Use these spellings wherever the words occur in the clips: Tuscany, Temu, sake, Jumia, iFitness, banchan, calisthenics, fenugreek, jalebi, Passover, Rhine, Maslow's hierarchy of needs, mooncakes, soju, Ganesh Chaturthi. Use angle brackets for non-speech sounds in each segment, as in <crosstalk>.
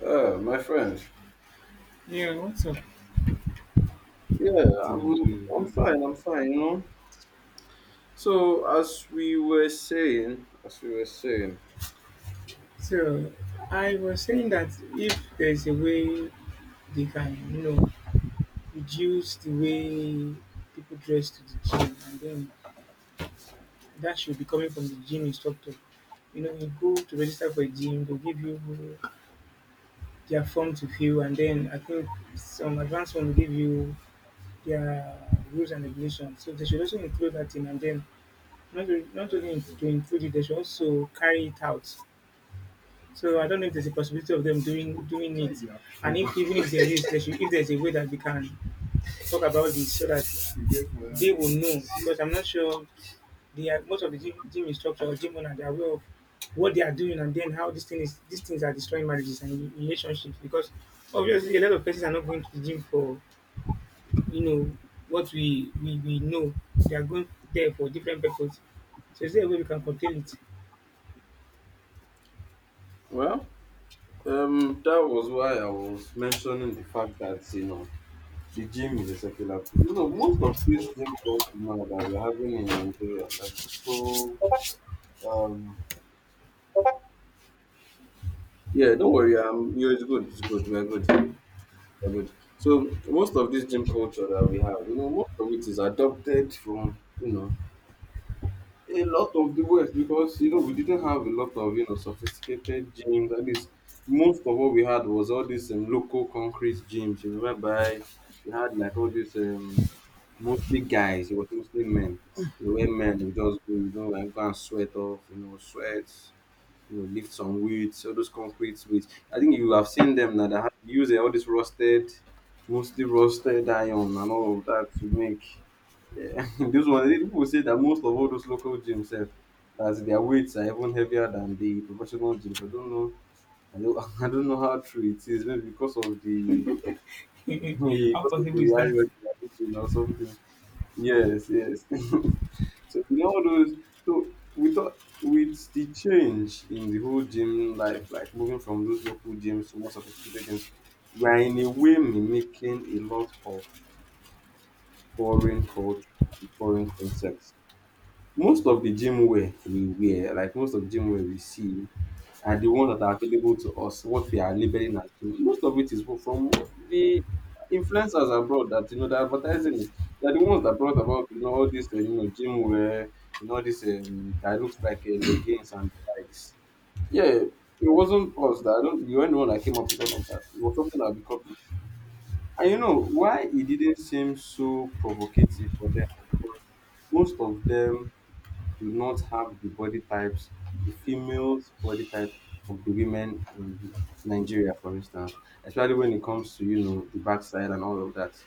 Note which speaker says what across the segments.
Speaker 1: My friend.
Speaker 2: Yeah, what's up?
Speaker 1: Yeah,
Speaker 2: To the
Speaker 1: I'm
Speaker 2: gym.
Speaker 1: fine, I'm fine, you know. So as we were saying, as we were saying,
Speaker 2: So I was saying that if there's a way they can, you know, reduce the way people dress to the gym, and then that should be coming from the gym instructor. You know, you go to register for a gym, they'll give you their form to fill, and then I think some advanced one will give you their rules and regulations. So they should also include that in, and then not, not only to include it, they should also carry it out. So I don't know if there's a possibility of them doing it, and if even if there is, there should, if there's a way that we can talk about this so that they will know, because I'm not sure they are, most of the gym, gym instructor or gym owner, they are aware of what they are doing and then how these things are destroying marriages and relationships, because obviously a lot of persons are not going to the gym for you know what we know. They are going there for different purposes. So is there a way we can contain it?
Speaker 1: well, that was why I was mentioning the fact that, you know, the gym is a secular place. You know, most of these gym culture now that we're having in Nigeria, like so um yeah, don't worry, you it's good, we're good. We're good. So most of this gym culture that we have, you know, most of it is adopted from, you know, a lot of the West, because you know we didn't have a lot of, you know, sophisticated gyms. At least most of what we had was all these local concrete gyms. You know, whereby we had like all these mostly guys. It was mostly men. You know, where men would just go, you know, and go and sweat off. You know, sweat. You know, lift some weights. All those concrete weights. I think you have seen them now. They use all this rusted, mostly rusted iron and all of that to make yeah, <laughs> those one people say that most of all those local gyms have that their weights are even heavier than the professional gyms. I don't know. I don't, <laughs> I don't know how true it is. Maybe because of the <laughs>
Speaker 2: <laughs> How
Speaker 1: because of
Speaker 2: possible
Speaker 1: the
Speaker 2: is that?
Speaker 1: hierarchy I think, or something. Yes, yes. <laughs> So you know all those. So we thought with the change in the whole gym life, like moving from those local gyms to more sophisticated gyms, we are in a way mimicking a lot of foreign culture, and foreign concepts. Most of the gym wear we wear, like most of the gym wear we see are the ones that are available to us, what we are labeling as gym. Most of it is from the influencers abroad that, you know, they're advertising it. They're the ones that brought about, you know, all this you know, gym wear, you know, all this that looks like leggings and likes. Yeah, it wasn't us that I don't. We weren't the one that came up with all of that. It was something that we copied. And you know why it didn't seem so provocative for them, because most of them do not have the body types, the females' body types of the women in Nigeria, for instance, especially when it comes to, you know, the backside and all of that.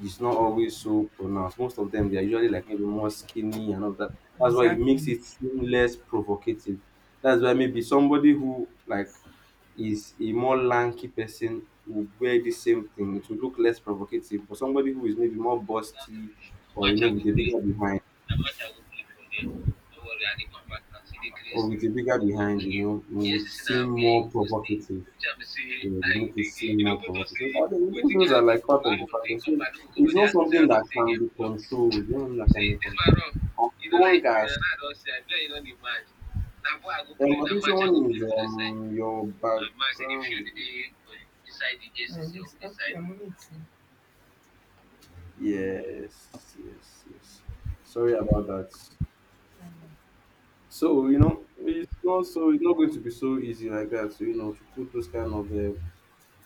Speaker 1: It's not always so pronounced. Most of them, they are usually like maybe more skinny and all that. That's why it makes
Speaker 2: Exactly.
Speaker 1: it seem less provocative. That's why maybe somebody who like is a more lanky person will wear the same thing. It will look less provocative. But somebody who is maybe more busty or you know with a bigger behind or with a bigger behind, you know, it would seem more provocative. You know, it would make it seem more provocative. So all I think those are like part of the factor. So it's not something that can be controlled. You know, that can be controlled. As long as I think someone is your background. Yes, yes, yes. Sorry about that. So you know, it's not so. It's not going to be so easy like that. So you know, to put those kind of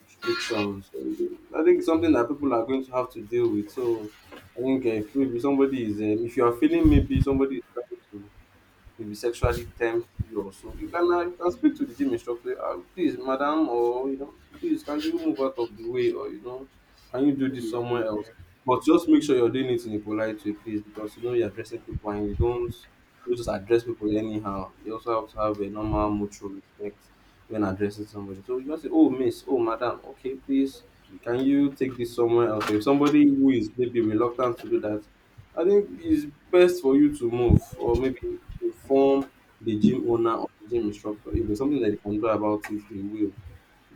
Speaker 1: restrictions. I think it's something that people are going to have to deal with. So I think if somebody is, if you are feeling maybe somebody is trying to maybe sexually tempt you or so, you can speak to the gym instructor, please, madam, or you know, please, can you move out of the way, or you know, can you do this somewhere else? But just make sure you're doing it in a polite way, please, because you know you're addressing people and you don't you just address people anyhow. You also have to have a normal mutual respect when addressing somebody. So you can say, oh, miss, oh, madam, okay, please, can you take this somewhere else? If somebody who is maybe reluctant to do that, I think it's best for you to move or maybe inform the gym owner or the gym instructor. If there's something that they can do about it, they will.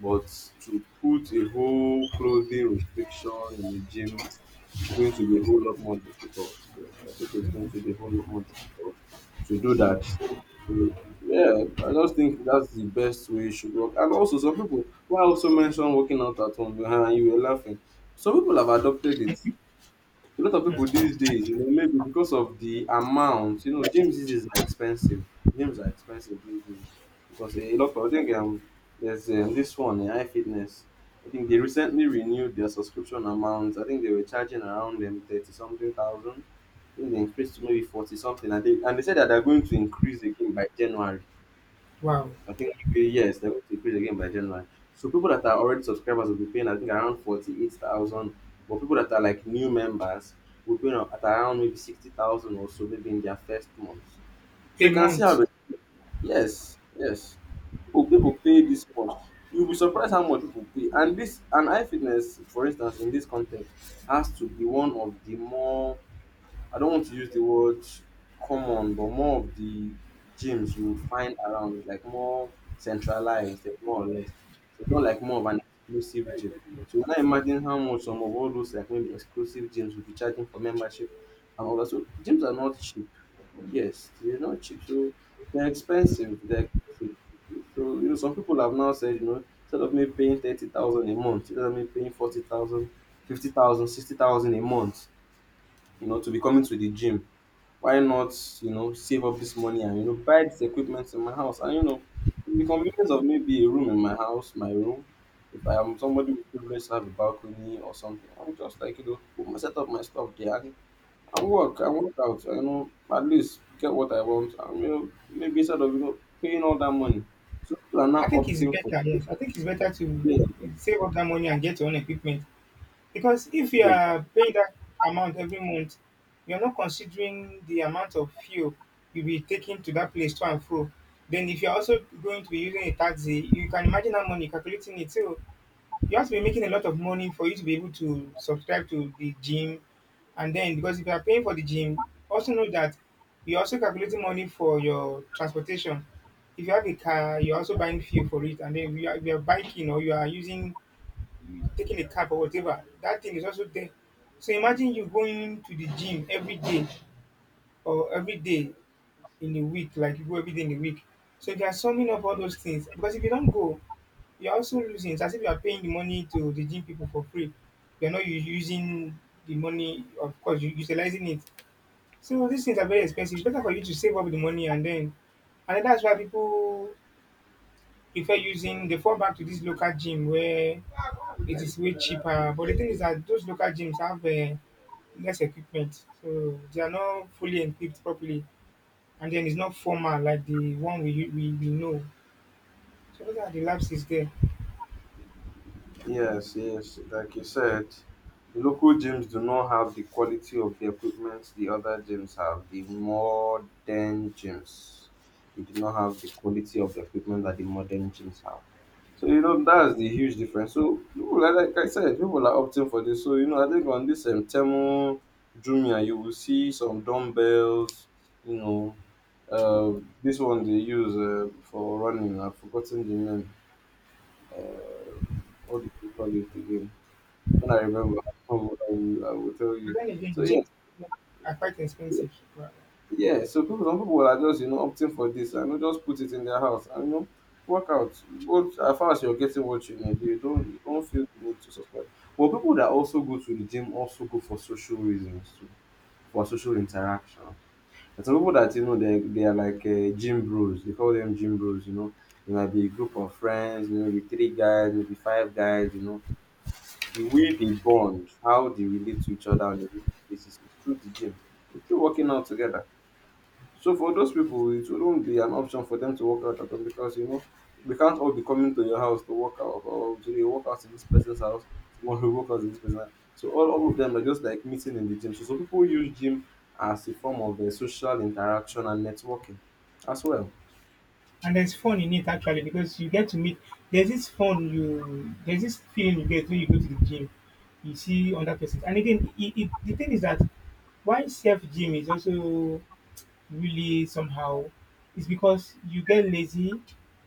Speaker 1: But to put a whole clothing restriction in the gym is going to be a whole lot more difficult. Yes, I think it's going to be a whole lot more difficult to do that. So, yeah, I just think that's the best way it should work. And also, some people, why I also mentioned working out at home, you were laughing. Some people have adopted it, a lot of people these days, you know, maybe because of the amount, you know, James's is expensive. Gyms are expensive these days because a lot of, I think there's this one, AI Fitness. I think they recently renewed their subscription amounts. I think they were charging around them 30 something thousand. I think they increased to maybe 40 something. And they said that they're going to increase again by January.
Speaker 2: Wow.
Speaker 1: I think yes, they're going to increase again by January. So people that are already subscribers will be paying, I think, around 48,000. But people that are like new members will pay at around maybe 60,000 or so, maybe in their first month. So
Speaker 2: A
Speaker 1: you can see
Speaker 2: month.
Speaker 1: how, yes, yes. People pay this much. You'll be surprised how much people pay. And iFitness, for instance, in this context, has to be one of the more, I don't want to use the word common, but more of the gyms you would find around, is like more centralized, eh, more or less. So it's not like more of an exclusive gym. So when I imagine how much some of all those like maybe exclusive gyms would be charging for membership and all that. So gyms are not cheap. Yes, they're not cheap. So they're expensive. They're expensive. So you know, some people have now said, you know, instead of me paying 30,000 a month, instead of me paying 40,000, 50,000, 60,000 a month, you know, to be coming to the gym, why not, you know, save up this money and, you know, buy this equipment in my house, and, you know, the convenience of maybe a room in my house, my room, if I am somebody with privilege to have a balcony or something, I would just, like, you know, put my set up my stuff there, and work out, you know, at least get what I want, and, you know, maybe instead of, you know, paying all that money, so people are
Speaker 2: I
Speaker 1: now
Speaker 2: think it's
Speaker 1: opting for
Speaker 2: better, yes. I think it's better to
Speaker 1: yeah,
Speaker 2: save up that money and get your own equipment. Because if you
Speaker 1: yeah.
Speaker 2: are paying that amount every month, you're not considering the amount of fuel you'll be taking to that place to and fro. Then if you're also going to be using a taxi, you can imagine how money calculating it too. You have to be making a lot of money for you to be able to subscribe to the gym. And then, because if you are paying for the gym, also know that you're also calculating money for your transportation. If you have a car, you're also buying fuel for it. And then if you are biking or you are using taking a cab or whatever, that thing is also there. So imagine you going to the gym every day or every day in a week, like you go every day in a week. So if you are summing up all those things, because if you don't go, you're also losing. It's as if you are paying the money to the gym people for free. You're not using the money, of course, you're utilizing it. So these things are very expensive. It's better for you to save up the money, and then that's why people prefer using, they fall back to this local gym where it is way cheaper. But the thing is that those local gyms have less equipment, so they are not fully equipped properly, and then it's not formal like the one we know. So those are the lapses there.
Speaker 1: Yes, yes, like you said, local gyms do not have the quality of the equipment the other gyms have. The modern gyms, they do not have the quality of the equipment that the modern gyms have. So you know that's the huge difference. So like I said, people are opting for this. So you know, I think on this Temu, Jumia, you will see some dumbbells. You know, this one they use for running. I've forgotten the name. What do you call it again? When I remember, <laughs> I will tell
Speaker 2: But
Speaker 1: you.
Speaker 2: then again,
Speaker 1: So
Speaker 2: gym
Speaker 1: yes,
Speaker 2: are quite
Speaker 1: yeah,
Speaker 2: expensive, right?
Speaker 1: yeah. So people, some people are just, you know, opting for this and, you know, just put it in their house and, you know, work out. What, as far as you're getting what you need, you don't feel the need to subscribe. But people that also go to the gym also go for social reasons too, for social interaction. And some people that you know they are like gym bros. They call them gym bros. You know, it might be a group of friends. You know, be three guys, maybe five guys. You know the way they bond, how they relate to each other on a daily basis is through the gym. They're still working out together. So for those people, it wouldn't be an option for them to work out at home, because you know we can't all be coming to your house to work out, or to work out to this person's house, tomorrow we work out to this person's house. So all of them are just like meeting in the gym. So some people use gym as a form of a social interaction and networking as well.
Speaker 2: And there's fun in it actually, because you get to meet. There's this fun you there's this feeling you get when you go to the gym. You see other persons, and again, the thing is that why self gym is also really somehow is because you get lazy.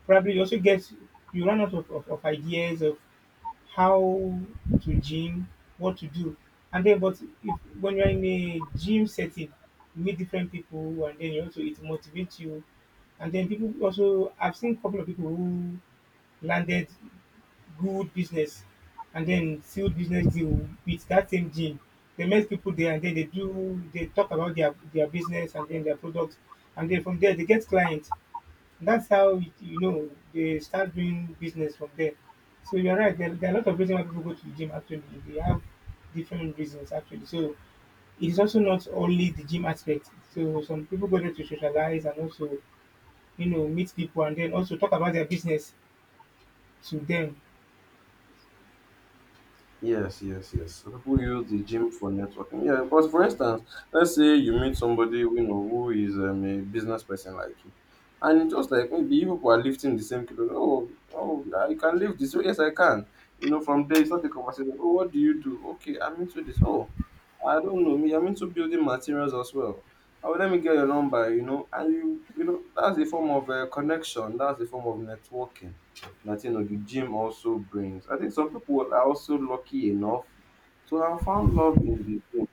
Speaker 2: Probably you also get you run out of, of ideas of how to gym, what to do. And then, but if when you're in a gym setting, you meet different people, and then you also it motivates you. And then people also, I've seen a couple of people who landed good business and then sealed business deal with that same gym. They met people there, and then they do they talk about their business and then their products, and then from there they get clients. That's how it, you know they start doing business from there. So you're right. There are a lot of reasons why people go to the gym. Actually, they have different reasons. Actually, so it's also not only the gym aspect. So some people go there to socialize and also, you know, meet people and then also talk about their business to them.
Speaker 1: Yes, yes, yes. So people use the gym for networking. Yeah, because for instance, let's say you meet somebody you know who is a business person like you, and it's just like maybe you people are lifting the same kilo. Oh, oh, yeah, you can lift this. Oh, yes, I can. You know, from there you start the conversation. Oh, what do you do? Okay, I'm into this. Oh, I don't know. Me, I'm into building materials as well. Oh, let me get your number. You know, and that's a form of connection. That's a form of networking that you know the gym also brings. I think some people are also lucky enough to have found love in the gym.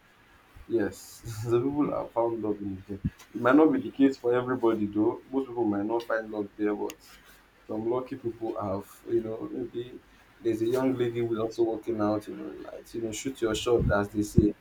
Speaker 1: Yes, <laughs> some people have found love in the gym. It might not be the case for everybody though. Most people might not find love there, but some lucky people have, you know, maybe there's a young lady who's also working out, you know, might shoot your shot as they say,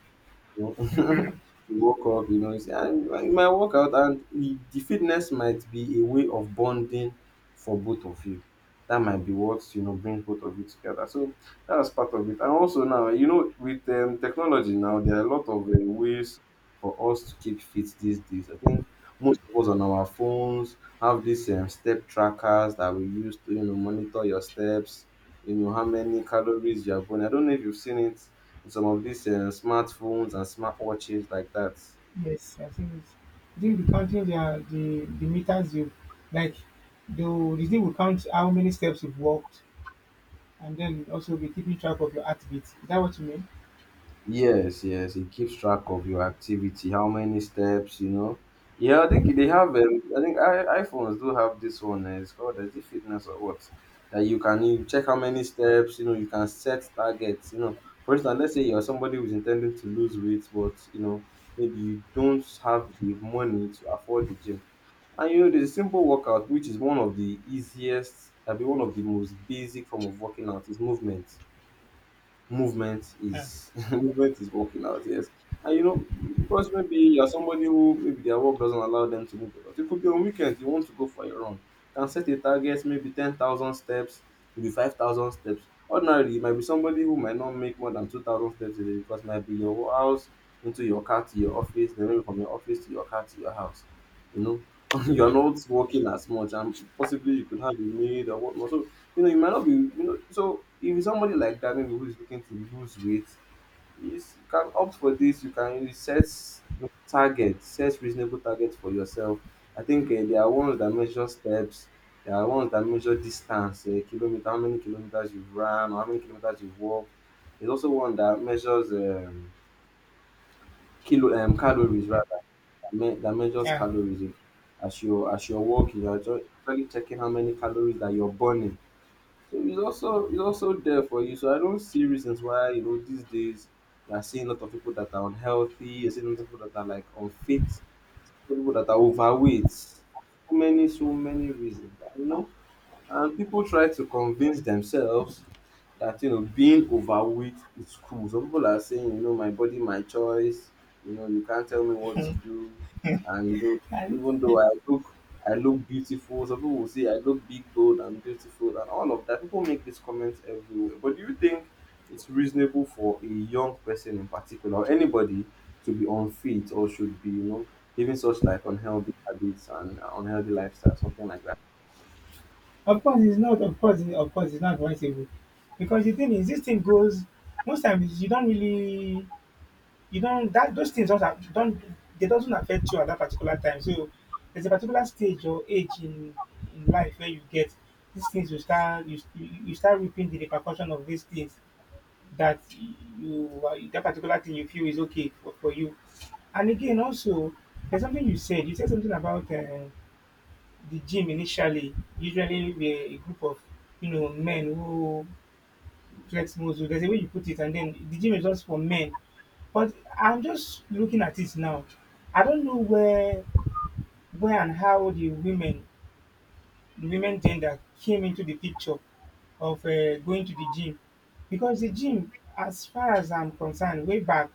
Speaker 1: you know, <laughs> you walk off, you know, you say, "Ah, you might walk out and the fitness might be a way of bonding for both of you. That might be what, you know, brings both of you together. So that's part of it. And also now, you know, with technology now, there are a lot of ways for us to keep fit these days. I think most of us on our phones have these step trackers that we use to, you know, monitor your steps, you know, how many calories you are burning. I don't know if you've seen it, some of these smartphones and smartwatches like that.
Speaker 2: Yes, I think it's, I think the counting their the meters you like the thing will count how many steps you've walked, and then also be keeping track of your heartbeat. Is that what you mean?
Speaker 1: Yes, yes, it keeps track of your activity, how many steps, you know. Yeah, I think they have. iPhones do have this one. It's called, is it fitness or what? That you can, you check how many steps. You know, you can set targets. You know, for instance, let's say you're somebody who's intending to lose weight, but you know maybe you don't have the money to afford the gym. And you know, there's a simple workout which is one of the easiest, I mean, one of the most basic form of working out is movement.
Speaker 2: Yeah.
Speaker 1: Is <laughs> Movement is working out, yes. And you know, because maybe you're somebody who maybe their work doesn't allow them to move a lot. It could be on weekend you want to go for a run. You can set a target, maybe 10,000 steps, maybe 5,000 steps. Ordinarily, it might be somebody who might not make more than 2,000 steps a day because it might be your house into your car to your office, then maybe from your office to your car to your house. You know, <laughs> you're not working as much, and possibly you could have a maid or whatnot. So you know, you might not be, you know, so if it's somebody like that, maybe who is looking to lose weight, is you can opt for this. You can, you set targets, set reasonable targets for yourself. I think there are ones that measure steps. There are ones that measure distance, kilometer, how many kilometers you've run, or how many kilometers you've walked. There's also one that measures kilo calories rather, that, that measures
Speaker 2: Yeah.
Speaker 1: calories, you know, as you're walking. You're actually checking how many calories that you're burning, so it's also, it's also there for you. So I don't see reasons why you know these days you are seeing a lot of people that are unhealthy. You're seeing a lot of people that are like unfit. A lot of people that are overweight. So many, so many reasons. You know, and people try to convince themselves that you know being overweight is cool. Some people are saying, you know, my body, my choice. You know, you can't tell me what to do. And you know,
Speaker 2: And
Speaker 1: even
Speaker 2: it,
Speaker 1: though I look beautiful. Some people will say I look big, bold, and beautiful, and all of that. People make these comments everywhere. But do you think it's reasonable for a young person in particular, or anybody, to be unfit or should be, you know, living such like unhealthy habits and unhealthy lifestyle, something like that?
Speaker 2: of course, it's not. Of course, of course, it's not advisable, because the thing is, this thing goes. Most times, you don't really, you don't that those things don't, they doesn't affect you at that particular time. So there's a particular stage or age in life where you get these things. You start you start reaping the repercussion of these things, that you that particular thing you feel is okay for you. And again, also, there's something you said. You said something about the gym initially usually were a group of, you know, men who flex muscle. There's a way you put it, and then the gym is just for men. But I'm just looking at it now. I don't know where and how the women gender came into the picture of going to the gym, because the gym, as far as I'm concerned, way back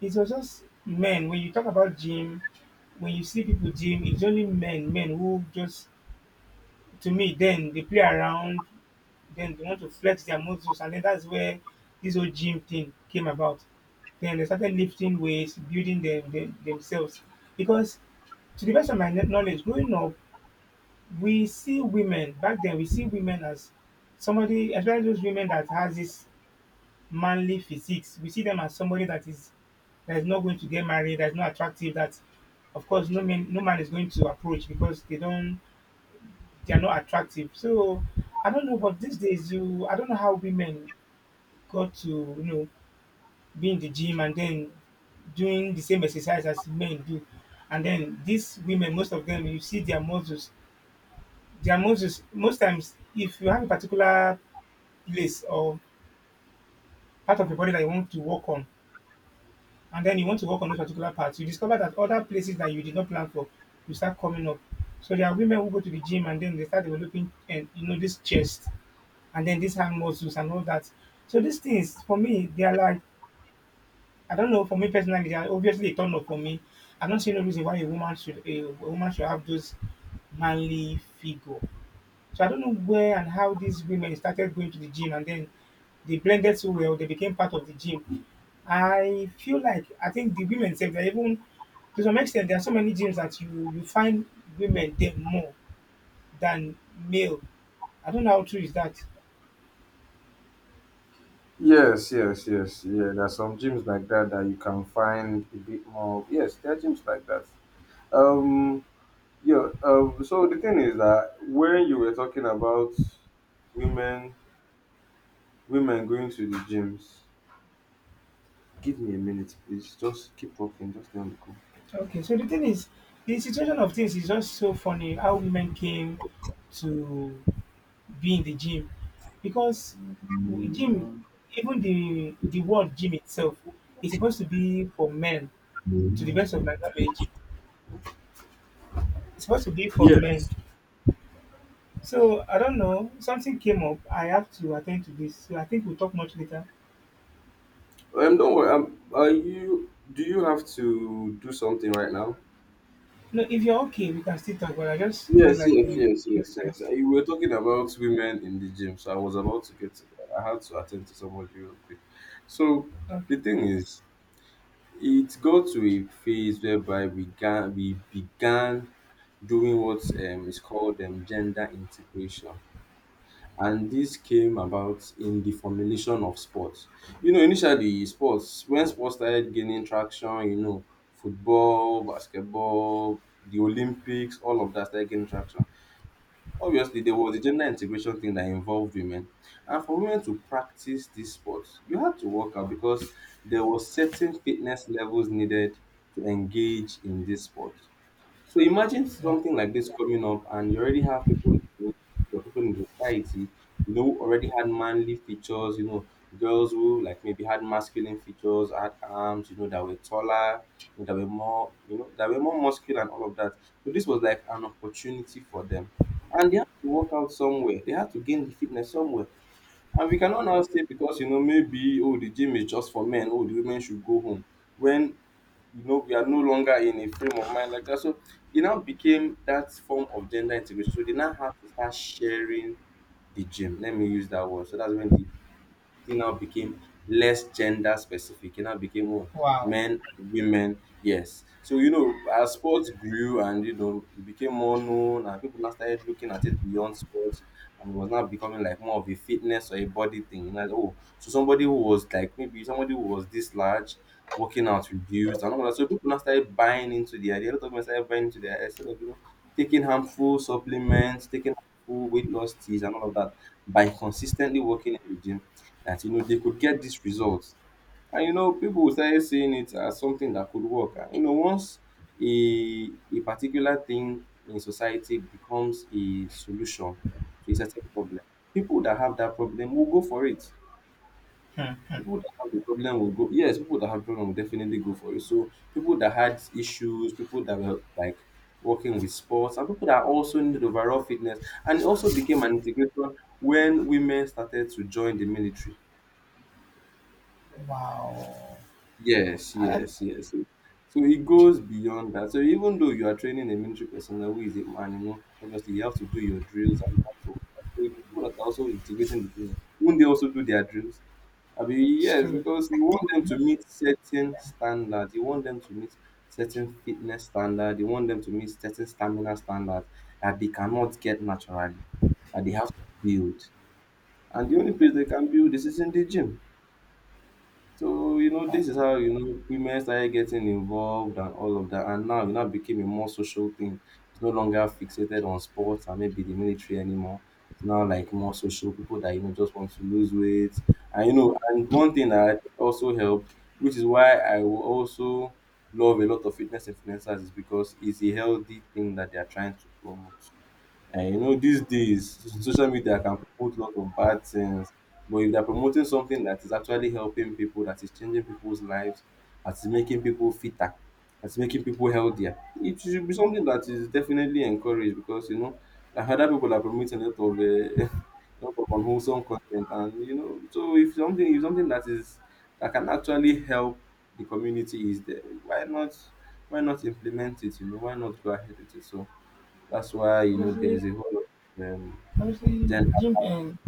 Speaker 2: it was just men. When you talk about gym, when you see people gym, it's only men, men who just to me then they play around, then they want to flex their muscles, and then that's where this whole gym thing came about, then they started lifting weights building them, themselves, because to the best of my knowledge growing up, we see women back then, we see women as somebody, especially those women that has this manly physiques, we see them as somebody that is not going to get married, that is not attractive, that of course no man is going to approach because they don't they are not attractive. So I don't know, but these days you, I don't know how women got to, you know, be in the gym, and then doing the same exercise as men do, and then these women, most of them, you see their muscles. Most times, if you have a particular place or part of your body that you want to work on, and then you want to work on those particular parts, you discover that other places that you did not plan for you start coming up. So there are women who go to the gym and then they start developing, and you know, this chest and then this hand muscles and all that. So these things for me, they are like I don't know. For me personally, they are obviously a turn off for me. I do not see no reason why a woman should have those manly figure. So I don't know where and how these women started going to the gym and then they blended so well, they became part of the gym. I feel like I think the women say they're even to some extent there are so many gyms that you find women there more than male. I don't know how true is that.
Speaker 1: Yes, yes, yes. Yeah, there are some gyms like that that you can find a bit more. Yes, there are gyms like that. Um, yeah. So the thing is that when you were talking about women, women going to the gyms. Give me a minute, please. Just keep talking. Just stay on the call.
Speaker 2: Okay, so the thing is, the situation of things is just so funny how women came to be in the gym, because gym, even the word gym itself, is supposed to be for men. To the best of my knowledge, it's supposed to be for men.
Speaker 1: Yes.
Speaker 2: So I don't know. Something came up. I have to attend to this. So I think we'll talk much later.
Speaker 1: Don't worry. Are you? Do you have to do something right now?
Speaker 2: No, if you're okay, we can still talk. But I just felt
Speaker 1: Yes,
Speaker 2: like
Speaker 1: yes,
Speaker 2: you.
Speaker 1: yes, yes, yes. You were talking about women in the gym, so I was about to get to that. I had to attend to somebody real quick. So
Speaker 2: Okay.
Speaker 1: the thing is, it got to a phase whereby we began doing what is called, gender integration, and this came about in the formulation of sports. You know, initially sports, when sports started gaining traction, you know, football, basketball, the Olympics, all of that started gaining traction. Obviously, there was a gender integration thing that involved women. And for women to practice this sport, you had to work out because there was certain fitness levels needed to engage in this sport. So imagine something like this coming up, and you already have people in the community or people in the society, you know, who already had manly features, you know, girls who like maybe had masculine features, had arms, you know, that were taller, you know, that were more, you know, that were more muscular and all of that. So this was like an opportunity for them. And they had to work out somewhere. They had to gain the fitness somewhere. And we cannot now say because you know maybe oh the gym is just for men, oh the women should go home. When you know we are no longer in a frame of mind like that. So it now became that form of gender integration. So they now have to start sharing the gym. Let me use that word. So that's when the, it now became less gender specific. It now became oh,
Speaker 2: Wow. Wow.
Speaker 1: men and women. Yes. So you know, as sports grew and you know it became more known and people now started looking at it beyond sports, and it was now becoming like more of a fitness or a body thing. You know, like, oh, so somebody who was like maybe somebody who was this large working out reduced and all that. So people now started buying into the idea. A lot of people started buying into the idea, instead of you know taking harmful supplements, taking harmful weight loss teas and all of that, by consistently working in the gym, that you know they could get this result. And you know, people started seeing it as something that could work. And you know, once a particular thing in society becomes a solution to a certain problem, people that have that problem will go for it. People that have the problem will go. Yes, people that have problem will definitely go for it. So people that had issues, people that were like working with sports, and people that also needed overall fitness, and it also became an integration when women started to join the military.
Speaker 2: Wow.
Speaker 1: Yes,
Speaker 2: I, I-
Speaker 1: yes, yes. So so it goes beyond that. So even though you are training a military personnel who is a man, you know, obviously you have to do your drills and you have to. So the people that are also integrating the film, won't they also do their drills? I mean,
Speaker 2: it's
Speaker 1: yes,
Speaker 2: true.
Speaker 1: because you want them to meet certain standards. You want them to meet certain fitness standard. You want them to meet certain stamina standards that they cannot get naturally, that they have to build. And the only place they can build this is in the gym. So, you know,
Speaker 2: Uh,
Speaker 1: this is how, you know, women started getting involved and all of that. And now it now became a more social thing. It's no longer fixated on sports and maybe the military anymore. It's now like more social people that, you know, just want to lose weight. And, you know, and one thing that I think also helped, which is why I will also love a lot of fitness influencers, is because it's a healthy thing that they are trying to promote. And you know, these days, social media can promote a lot of bad things. But if they're promoting something that is actually helping people, that is changing people's lives, that is making people fitter, that's making people healthier, it should be something that is definitely encouraged because, you know, I've heard that people are promoting a lot of, <laughs> lot of unwholesome content. And, you know, so if something that can actually help the community is there, why not implement it, why not go ahead with it? So, that's why
Speaker 2: Obviously,
Speaker 1: there's a whole lot of
Speaker 2: obviously,
Speaker 1: gender
Speaker 2: gym and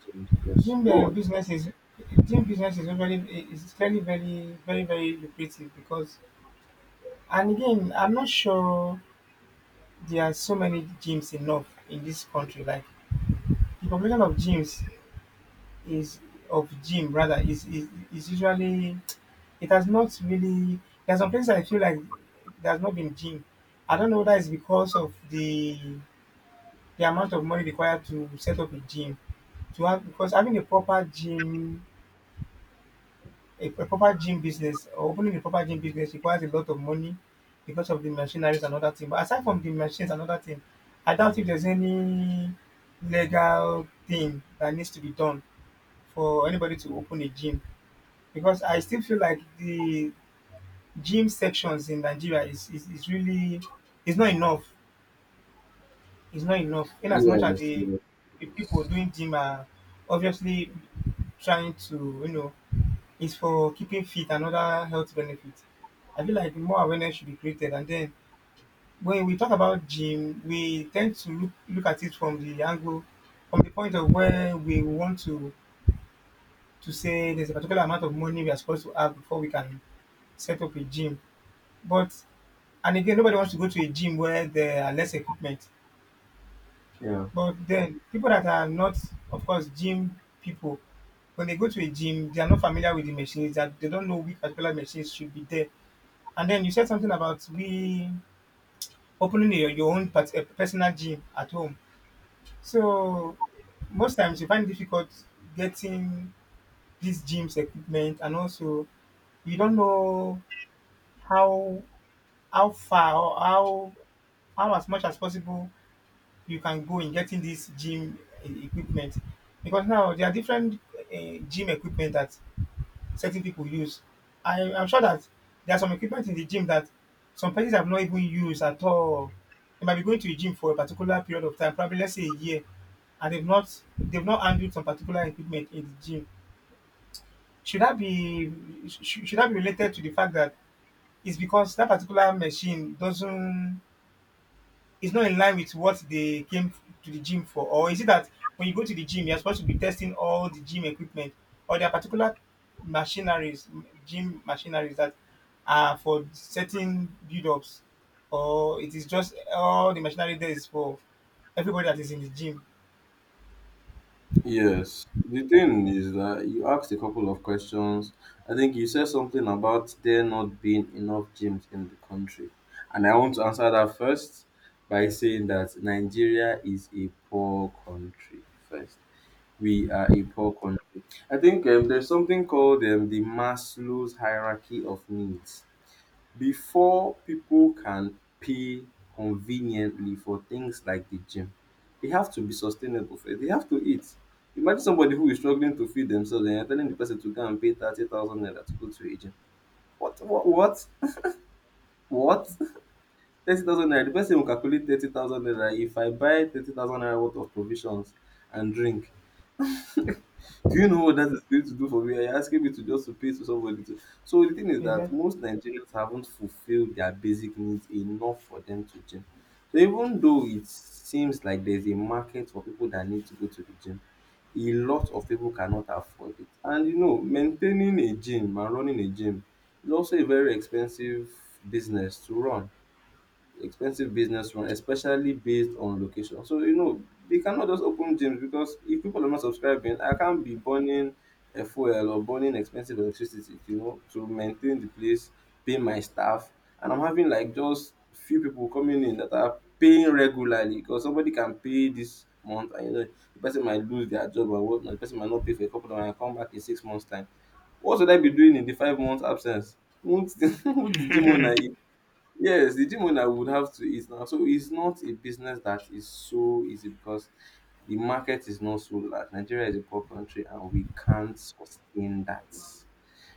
Speaker 1: change. Yes,
Speaker 2: gym
Speaker 1: go on.
Speaker 2: business is gym business is very is very lucrative, because and again I'm not sure there are so many gyms enough in this country. Like the population of gyms is of gym rather is usually it has not really there's some places I feel like there's not been gym. I don't know whether it's because of the amount of money required to set up a gym to have because having a proper gym a proper gym business or opening a proper gym business requires a lot of money because of the machineries and other things. But aside from the machines and other things, I doubt if there's any legal thing that needs to be done for anybody to open a gym, because I still feel like the gym sections in Nigeria is really is not enough is not enough. In as much as
Speaker 1: Yes, yes,
Speaker 2: the people doing gym are obviously trying to, you know, is for keeping fit and other health benefits. I feel like more awareness should be created. And then when we talk about gym, we tend to look at it from the angle, from the point of where we want to say there's a particular amount of money we are supposed to have before we can set up a gym. But and again, nobody wants to go to a gym where there are less equipment.
Speaker 1: yeah.
Speaker 2: But then people that are not, of course, gym people, when they go to a gym, they are not familiar with the machines, that they don't know which particular machines should be there. And then you said something about we opening your own personal gym at home. So most times you find it difficult getting these gyms equipment, and also you don't know how how far or how as much as possible you can go in getting this gym equipment, because now there are different gym equipment that certain people use. I am sure that there are some equipment in the gym that some persons have not even used at all. They might be going to a gym for a particular period of time, probably let's say a year, and they've not handled some particular equipment in the gym. Should that be should that be related to the fact that it's because that particular machine doesn't is not in line with what they came to the gym for? Or is it that when you go to the gym, you're supposed to be testing all the gym equipment, or there are particular machineries, gym machineries that are for certain build ups, or it is just all the machinery there is for everybody that is in the gym?
Speaker 1: Yes. The thing is that you asked a couple of questions. I think you said something about there not being enough gyms in the country. And I want to answer that first by saying that Nigeria is a poor country first. We are a poor country. I think there's something called the Maslow's hierarchy of needs. Before people can pay conveniently for things like the gym, they have to be sustainable first. They have to eat. Imagine somebody who is struggling to feed themselves and you're telling the person to go and pay 30,000 naira to go to a gym. What? What? What? What? 30,000 naira. The person will calculate 30,000 naira. If I buy 30,000 naira worth of provisions and drink, do you know what that is going to do for me? Are asking me to just to pay to somebody to? So the thing is
Speaker 2: Is
Speaker 1: that
Speaker 2: that?
Speaker 1: most Nigerians haven't fulfilled their basic needs enough for them to gym. So even though it seems like there's a market for people that need to go to the gym, a lot of people cannot afford it. And you know, maintaining a gym and running a gym is also a very expensive business to run, expensive business run, especially based on location. So you know they cannot just open gyms, because if people are not subscribing, I can't be burning a fuel or burning expensive electricity, you know, to maintain the place, pay my staff, and I'm having like just few people coming in that are paying regularly. Because somebody can pay this month and, you know, the person might lose their job or whatnot. The person might not pay for a couple of months and come back in 6 months time. What should I be doing in the 5 months absence? Won't <laughs> the won't the gym owner? Yes, the gym owner would have to eat now. So it's not a business that is so easy because the market is not so large. Nigeria is a poor country and we can't sustain that.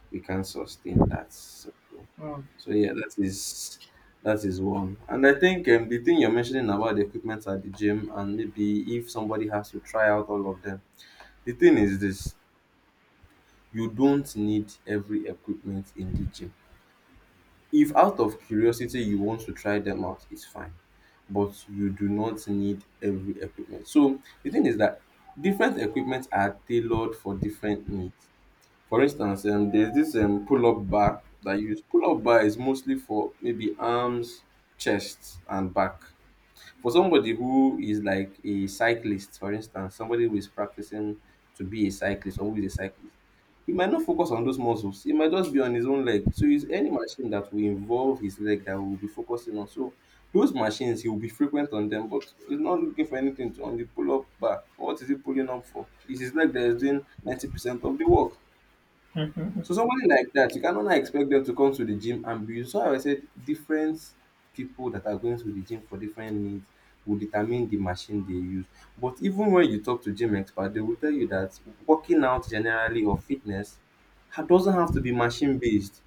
Speaker 1: We can't sustain that. So,
Speaker 2: Oh,
Speaker 1: so yeah, that is one. And I think the thing you're mentioning about the equipment at the gym and maybe if somebody has to try out all of them, the thing is this: you don't need every equipment in the gym. If out of curiosity you want to try them out, it's fine, but you do not need every equipment. So the thing is that different equipment are tailored for different needs. For instance, there's this pull-up bar that you use. Pull-up bar is mostly for maybe arms, chest and back. For somebody who is like a cyclist, for instance, somebody who is practicing to be a cyclist or who is a cyclist, he might not focus on those muscles. He might just be on his own leg. So it's any machine that will involve his leg that will be focusing on. So those machines, he will be frequent on them, but he's not looking for anything to, on the pull-up bar. What is he pulling up for? It's his leg that is doing 90% of the work. So somebody like that, you cannot now expect them to come to the gym and be, so I said different people that are going to the gym for different needs will determine the machine they use. But even when you talk to gym expert, they will tell you that working out generally or fitness doesn't have to be machine based.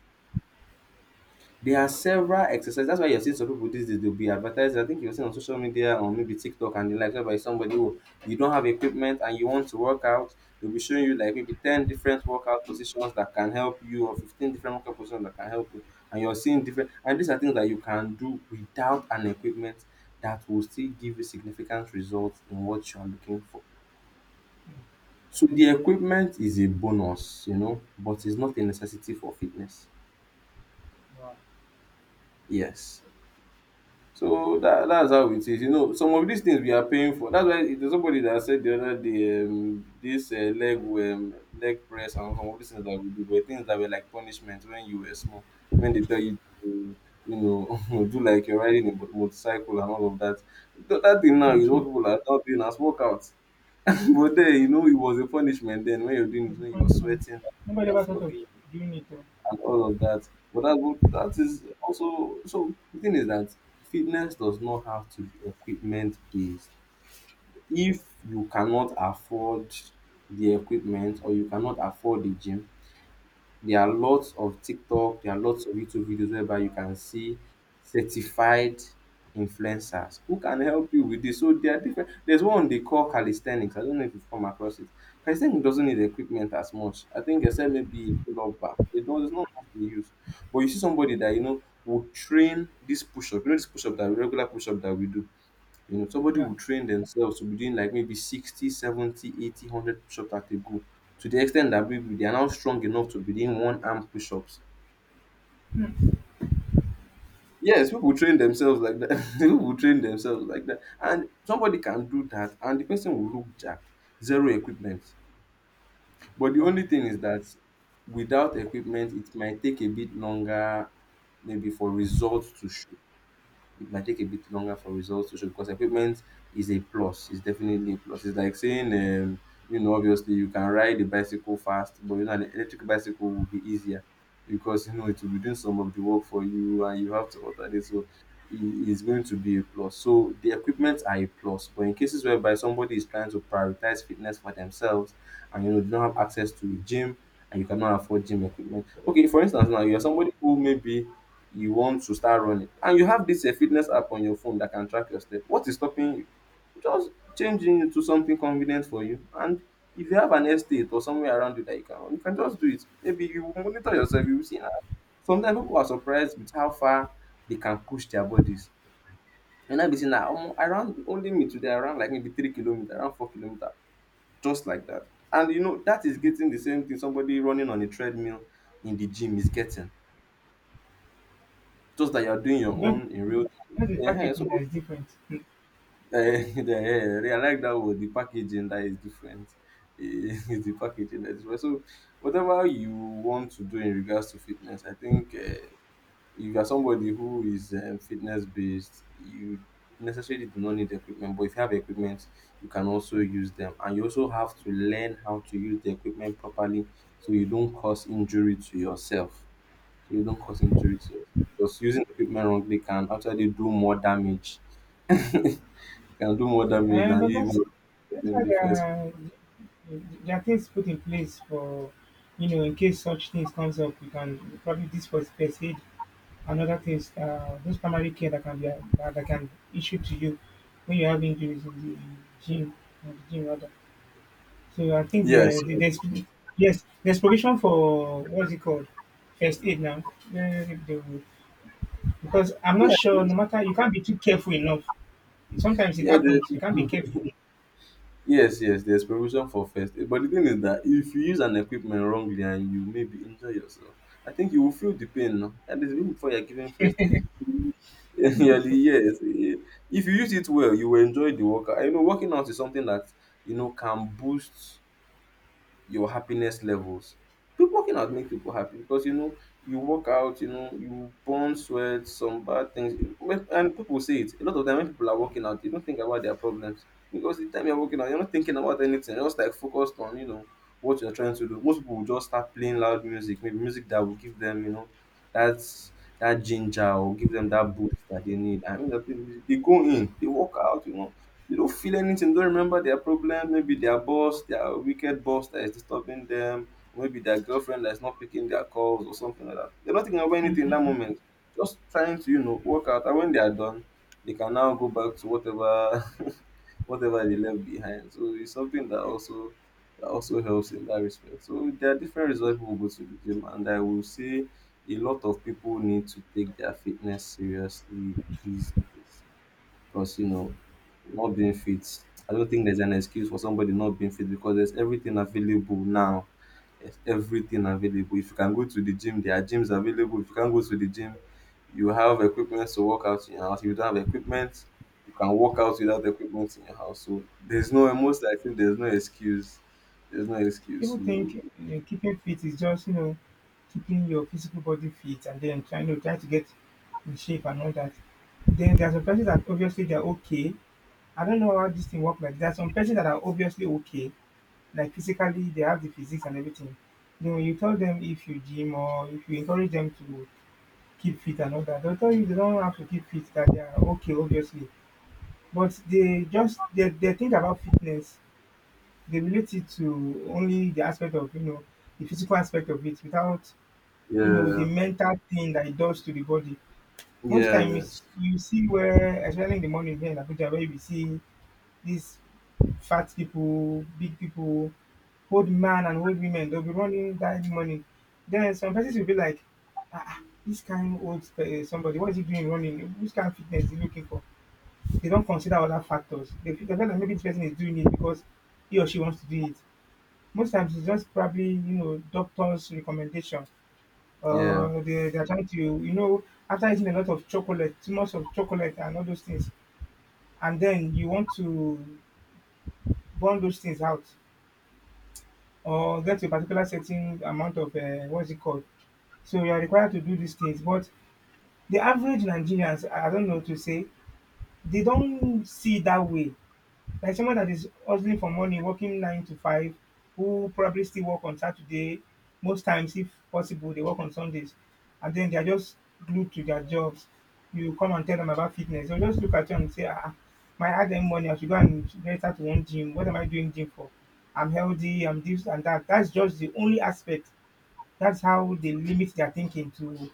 Speaker 1: There are several exercises. That's why you're seeing some people these days, they'll be advertised. I think you'll see on social media or maybe TikTok and the likes by somebody who, you don't have equipment and you want to work out, they'll be showing you like maybe 10 different workout positions that can help you or 15 different workout positions that can help you, and you're seeing different, and these are things that you can do without an equipment that will still give you significant results in what you are looking for. So the equipment is a bonus, you know, but it's not a necessity for fitness. Yes. So dat that's how it is. You know some of dis tins we are paying for. Dats why there's somebody dat said di oda day dis leg press, and some of dis tins dat we do were tins dat were like punishment wen you were small, wen dey tell you to, you know, <laughs> do like you're riding a motorcycle and all of dat. Dat tin now is
Speaker 2: okay.
Speaker 1: what pipu are now doing as workout. <laughs> But den you know it was a punishment den wen you were doing it, wen you were sweating, they
Speaker 2: Nobody
Speaker 1: are
Speaker 2: ever thought of
Speaker 1: flogging you,
Speaker 2: doing it. Though.
Speaker 1: and all of that. But that is also, so the thing is that fitness does not have to be equipment based. If you cannot afford the equipment or you cannot afford the gym, there are lots of TikTok, there are lots of YouTube videos whereby you can see certified influencers who can help you with this. So there are different there's one they call calisthenics. I don't know if you've come across it. Calisthenics doesn't need equipment as much. I think except maybe pull-up bar. It does not have to use. But you see somebody that you know will train this push-up. You know this push-up, that regular push-up that we do, you know, somebody
Speaker 2: Yeah.
Speaker 1: will train themselves to be doing like maybe 60, 70, 80, 100 push-ups at a go, to the extent that maybe they are now strong enough to be doing one arm push-ups. Yes, people train themselves like that. <laughs> People train themselves like that. And somebody can do that and the person will look jacked. Zero equipment. But the
Speaker 2: Wow.
Speaker 1: only thing is that without equipment, it might take a bit longer maybe for results to show. It might take a bit longer for results to show because equipment is a plus. It's definitely a plus. It's like saying, you know, obviously you can ride a bicycle fast, but you know, an electric bicycle will be easier because you know it will be doing some of the work for you and you have to alternate. So it is going to be a plus. So the equipment are a plus, but in cases whereby somebody is trying to prioritize fitness for themselves and you know do not have access to a gym and you cannot afford gym equipment. Okay, for instance, now you're somebody who maybe you want to start running and you have this a fitness app on your phone that can track your step. What is stopping you just changing into something convenient for you? And if you have an estate or somewhere around you that you can run, you can just do it. Maybe you will monitor yourself, you will see, ah, sometimes people are surprised with how far they can push their bodies. And I be say na omo, I ran, only me today I ran like maybe 3 kilometer, around 4 kilometer, just like that, and you know that is getting the same thing somebody running on a treadmill in the gym is getting, just that you are doing your
Speaker 2: Just,
Speaker 1: own in real
Speaker 2: just the
Speaker 1: time,
Speaker 2: packaging that
Speaker 1: so.
Speaker 2: is different.
Speaker 1: Eh, <laughs> yeah, eh, I like that word. The packaging that is different. Eh, <laughs> it's the packaging that is different. So, whatever you want to do in regards to fitness, I think if you are somebody who is fitness based, you necessarily do not need equipment. But if you have equipment, you can also use them, and you also have to learn how to use the equipment properly, so you don't cause injury to yourself. So you don't cause injury to yourself. Because using equipment wrongly can actually do more damage, <laughs> can do more damage
Speaker 2: Uh,
Speaker 1: than
Speaker 2: but
Speaker 1: you
Speaker 2: that's
Speaker 1: even in
Speaker 2: why
Speaker 1: the first.
Speaker 2: there are things put in place for, you know, in case such things comes up, we can probably this was first aid and other things. Those primary care that can be that that can issue to you when you have injuries in the gym, or the gym rather. So I think
Speaker 1: Yes,
Speaker 2: there's yes there's provision for what's it called first aid now. Yeah, they will- Because I'm not
Speaker 1: yes,
Speaker 2: sure. No
Speaker 1: yes,
Speaker 2: matter you can't be too careful enough. Sometimes it
Speaker 1: yeah,
Speaker 2: happens. You can't be careful.
Speaker 1: yes, yes. There's preparation for first aid. But the thing is that if you use an equipment wrongly and you maybe injure yourself, I think you will feel the pain. No, and even before you're giving first aid. <laughs> Yeah, the yes. Eh, if you use it well, you will enjoy the workout. You know, working out is something that you know can boost your happiness levels. People working out makes people happy because you know you work out, you know you burn sweat, some bad things. And people say it. A lot of time when people are working out, they don't think about their problems because the time you're working out, you're not thinking about anything. You're just like focused on, you know, what you're trying to do. Most people will just start playing loud music, maybe music that will give them, you know, that's that ginger, or give them that boost that they need. I mean, they go in, they work out, you know, they don't feel anything, don't remember their problem. Maybe their boss, their wicked boss that is disturbing them, or maybe their girlfriend that's not picking their calls or something like that. They're not thinking about anything in that moment. Just trying to, you know, work out. And when they are done, they can now go back to whatever <laughs> whatever they left behind. So it's something that also helps in that respect. So there are different reasons people go to the gym, and I will say a lot of people need to take their fitness seriously these days. Because you know, not being fit, I don't think there's an excuse for somebody not being fit because there's everything available now. There's everything available. If you can go to the gym, there are gyms available. If you can't go to the gym, you have equipment to work out in your house. If you don't have equipment, you can work out without equipment in your house. So there's no most I think there's no excuse. There's no excuse.
Speaker 2: People
Speaker 1: So,
Speaker 2: think keeping fit is just, you know, keeping your physical body fit and then try to get in shape and all that. Then there are some persons that obviously they're okay. I don't know how this thing works, like there are some persons that are obviously okay, like physically they have the physics and everything. Then when you tell them if you gym or if you encourage them to keep fit and all that, they'll tell you they don't have to keep fit, that they are okay obviously. But they think about fitness, they relate it to only the aspect of, you know, the physical aspect of it without, you know, the
Speaker 1: yeah.
Speaker 2: mental thing that it does to the body. Most
Speaker 1: Yes.
Speaker 2: times you see where, especially in the morning here in Abuja, where you see these fat people, big people, old man and old women, they'll be running that morning. Then some persons will be like, ah, ah, this kind old somebody, what is he doing running? Which kind of fitness is he looking for? They don't consider other factors. They feel like maybe this person is doing it because he or she wants to do it. Most times it's just probably, you know, doctor's recommendation,
Speaker 1: Yeah.
Speaker 2: or they're trying to, you know, after eating a lot of chocolate, too much of chocolate and all those things, and then you want to burn those things out, or get a particular certain amount of what's it called? So you are required to do these things. But the average Nigerians, I don't know to say, they don't see it that way. Like someone that is hustling for money, working 9 to 5, who probably still work on Saturday. Most times, if possible, they work on Sundays, and then they are just glued to their jobs. You come and tell them about fitness, they'll just look at you and say, "Ah, ah, my hard earned money, I should go and register to one gym. What am I doing gym for? I'm healthy. I'm this and that." That's just the only aspect. That's how they limit their thinking to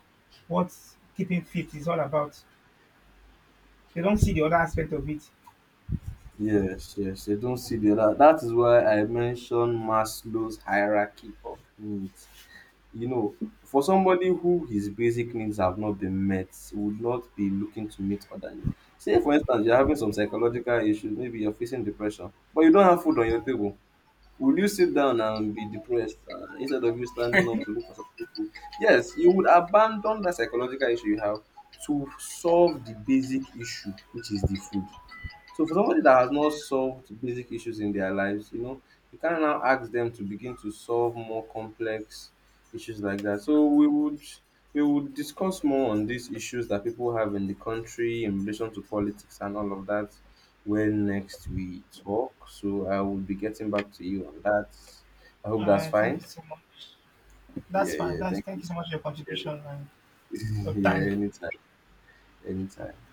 Speaker 2: what keeping fit is all about. They don't see the other aspect of it.
Speaker 1: Yes, yes, they don't see the other. That is why I mentioned Maslow's hierarchy of needs. You know, for somebody who his basic needs have not been met, would not be looking to meet other needs. Say, for instance, you're having some psychological issues, maybe you're facing depression, but you don't have food on your table. Will you sit down and be depressed instead of you standing up to look for something to eat? Yes, you would abandon that psychological issue you have to solve the basic issue, which is the food. So for somebody that has not solved basic issues in their lives, you know, you can now ask them to begin to solve more complex issues like that. So we would discuss more on these issues that people have in the country in relation to politics and all of that when next we talk. So I will be getting back to you on that. I
Speaker 2: All
Speaker 1: hope that's
Speaker 2: right. Thank
Speaker 1: fine.
Speaker 2: you so much. That's
Speaker 1: Yeah,
Speaker 2: fine.
Speaker 1: yeah,
Speaker 2: That's
Speaker 1: thank
Speaker 2: thank
Speaker 1: you.
Speaker 2: you
Speaker 1: <laughs>
Speaker 2: so much for your contribution and your
Speaker 1: Yeah,
Speaker 2: time.
Speaker 1: anytime, anytime.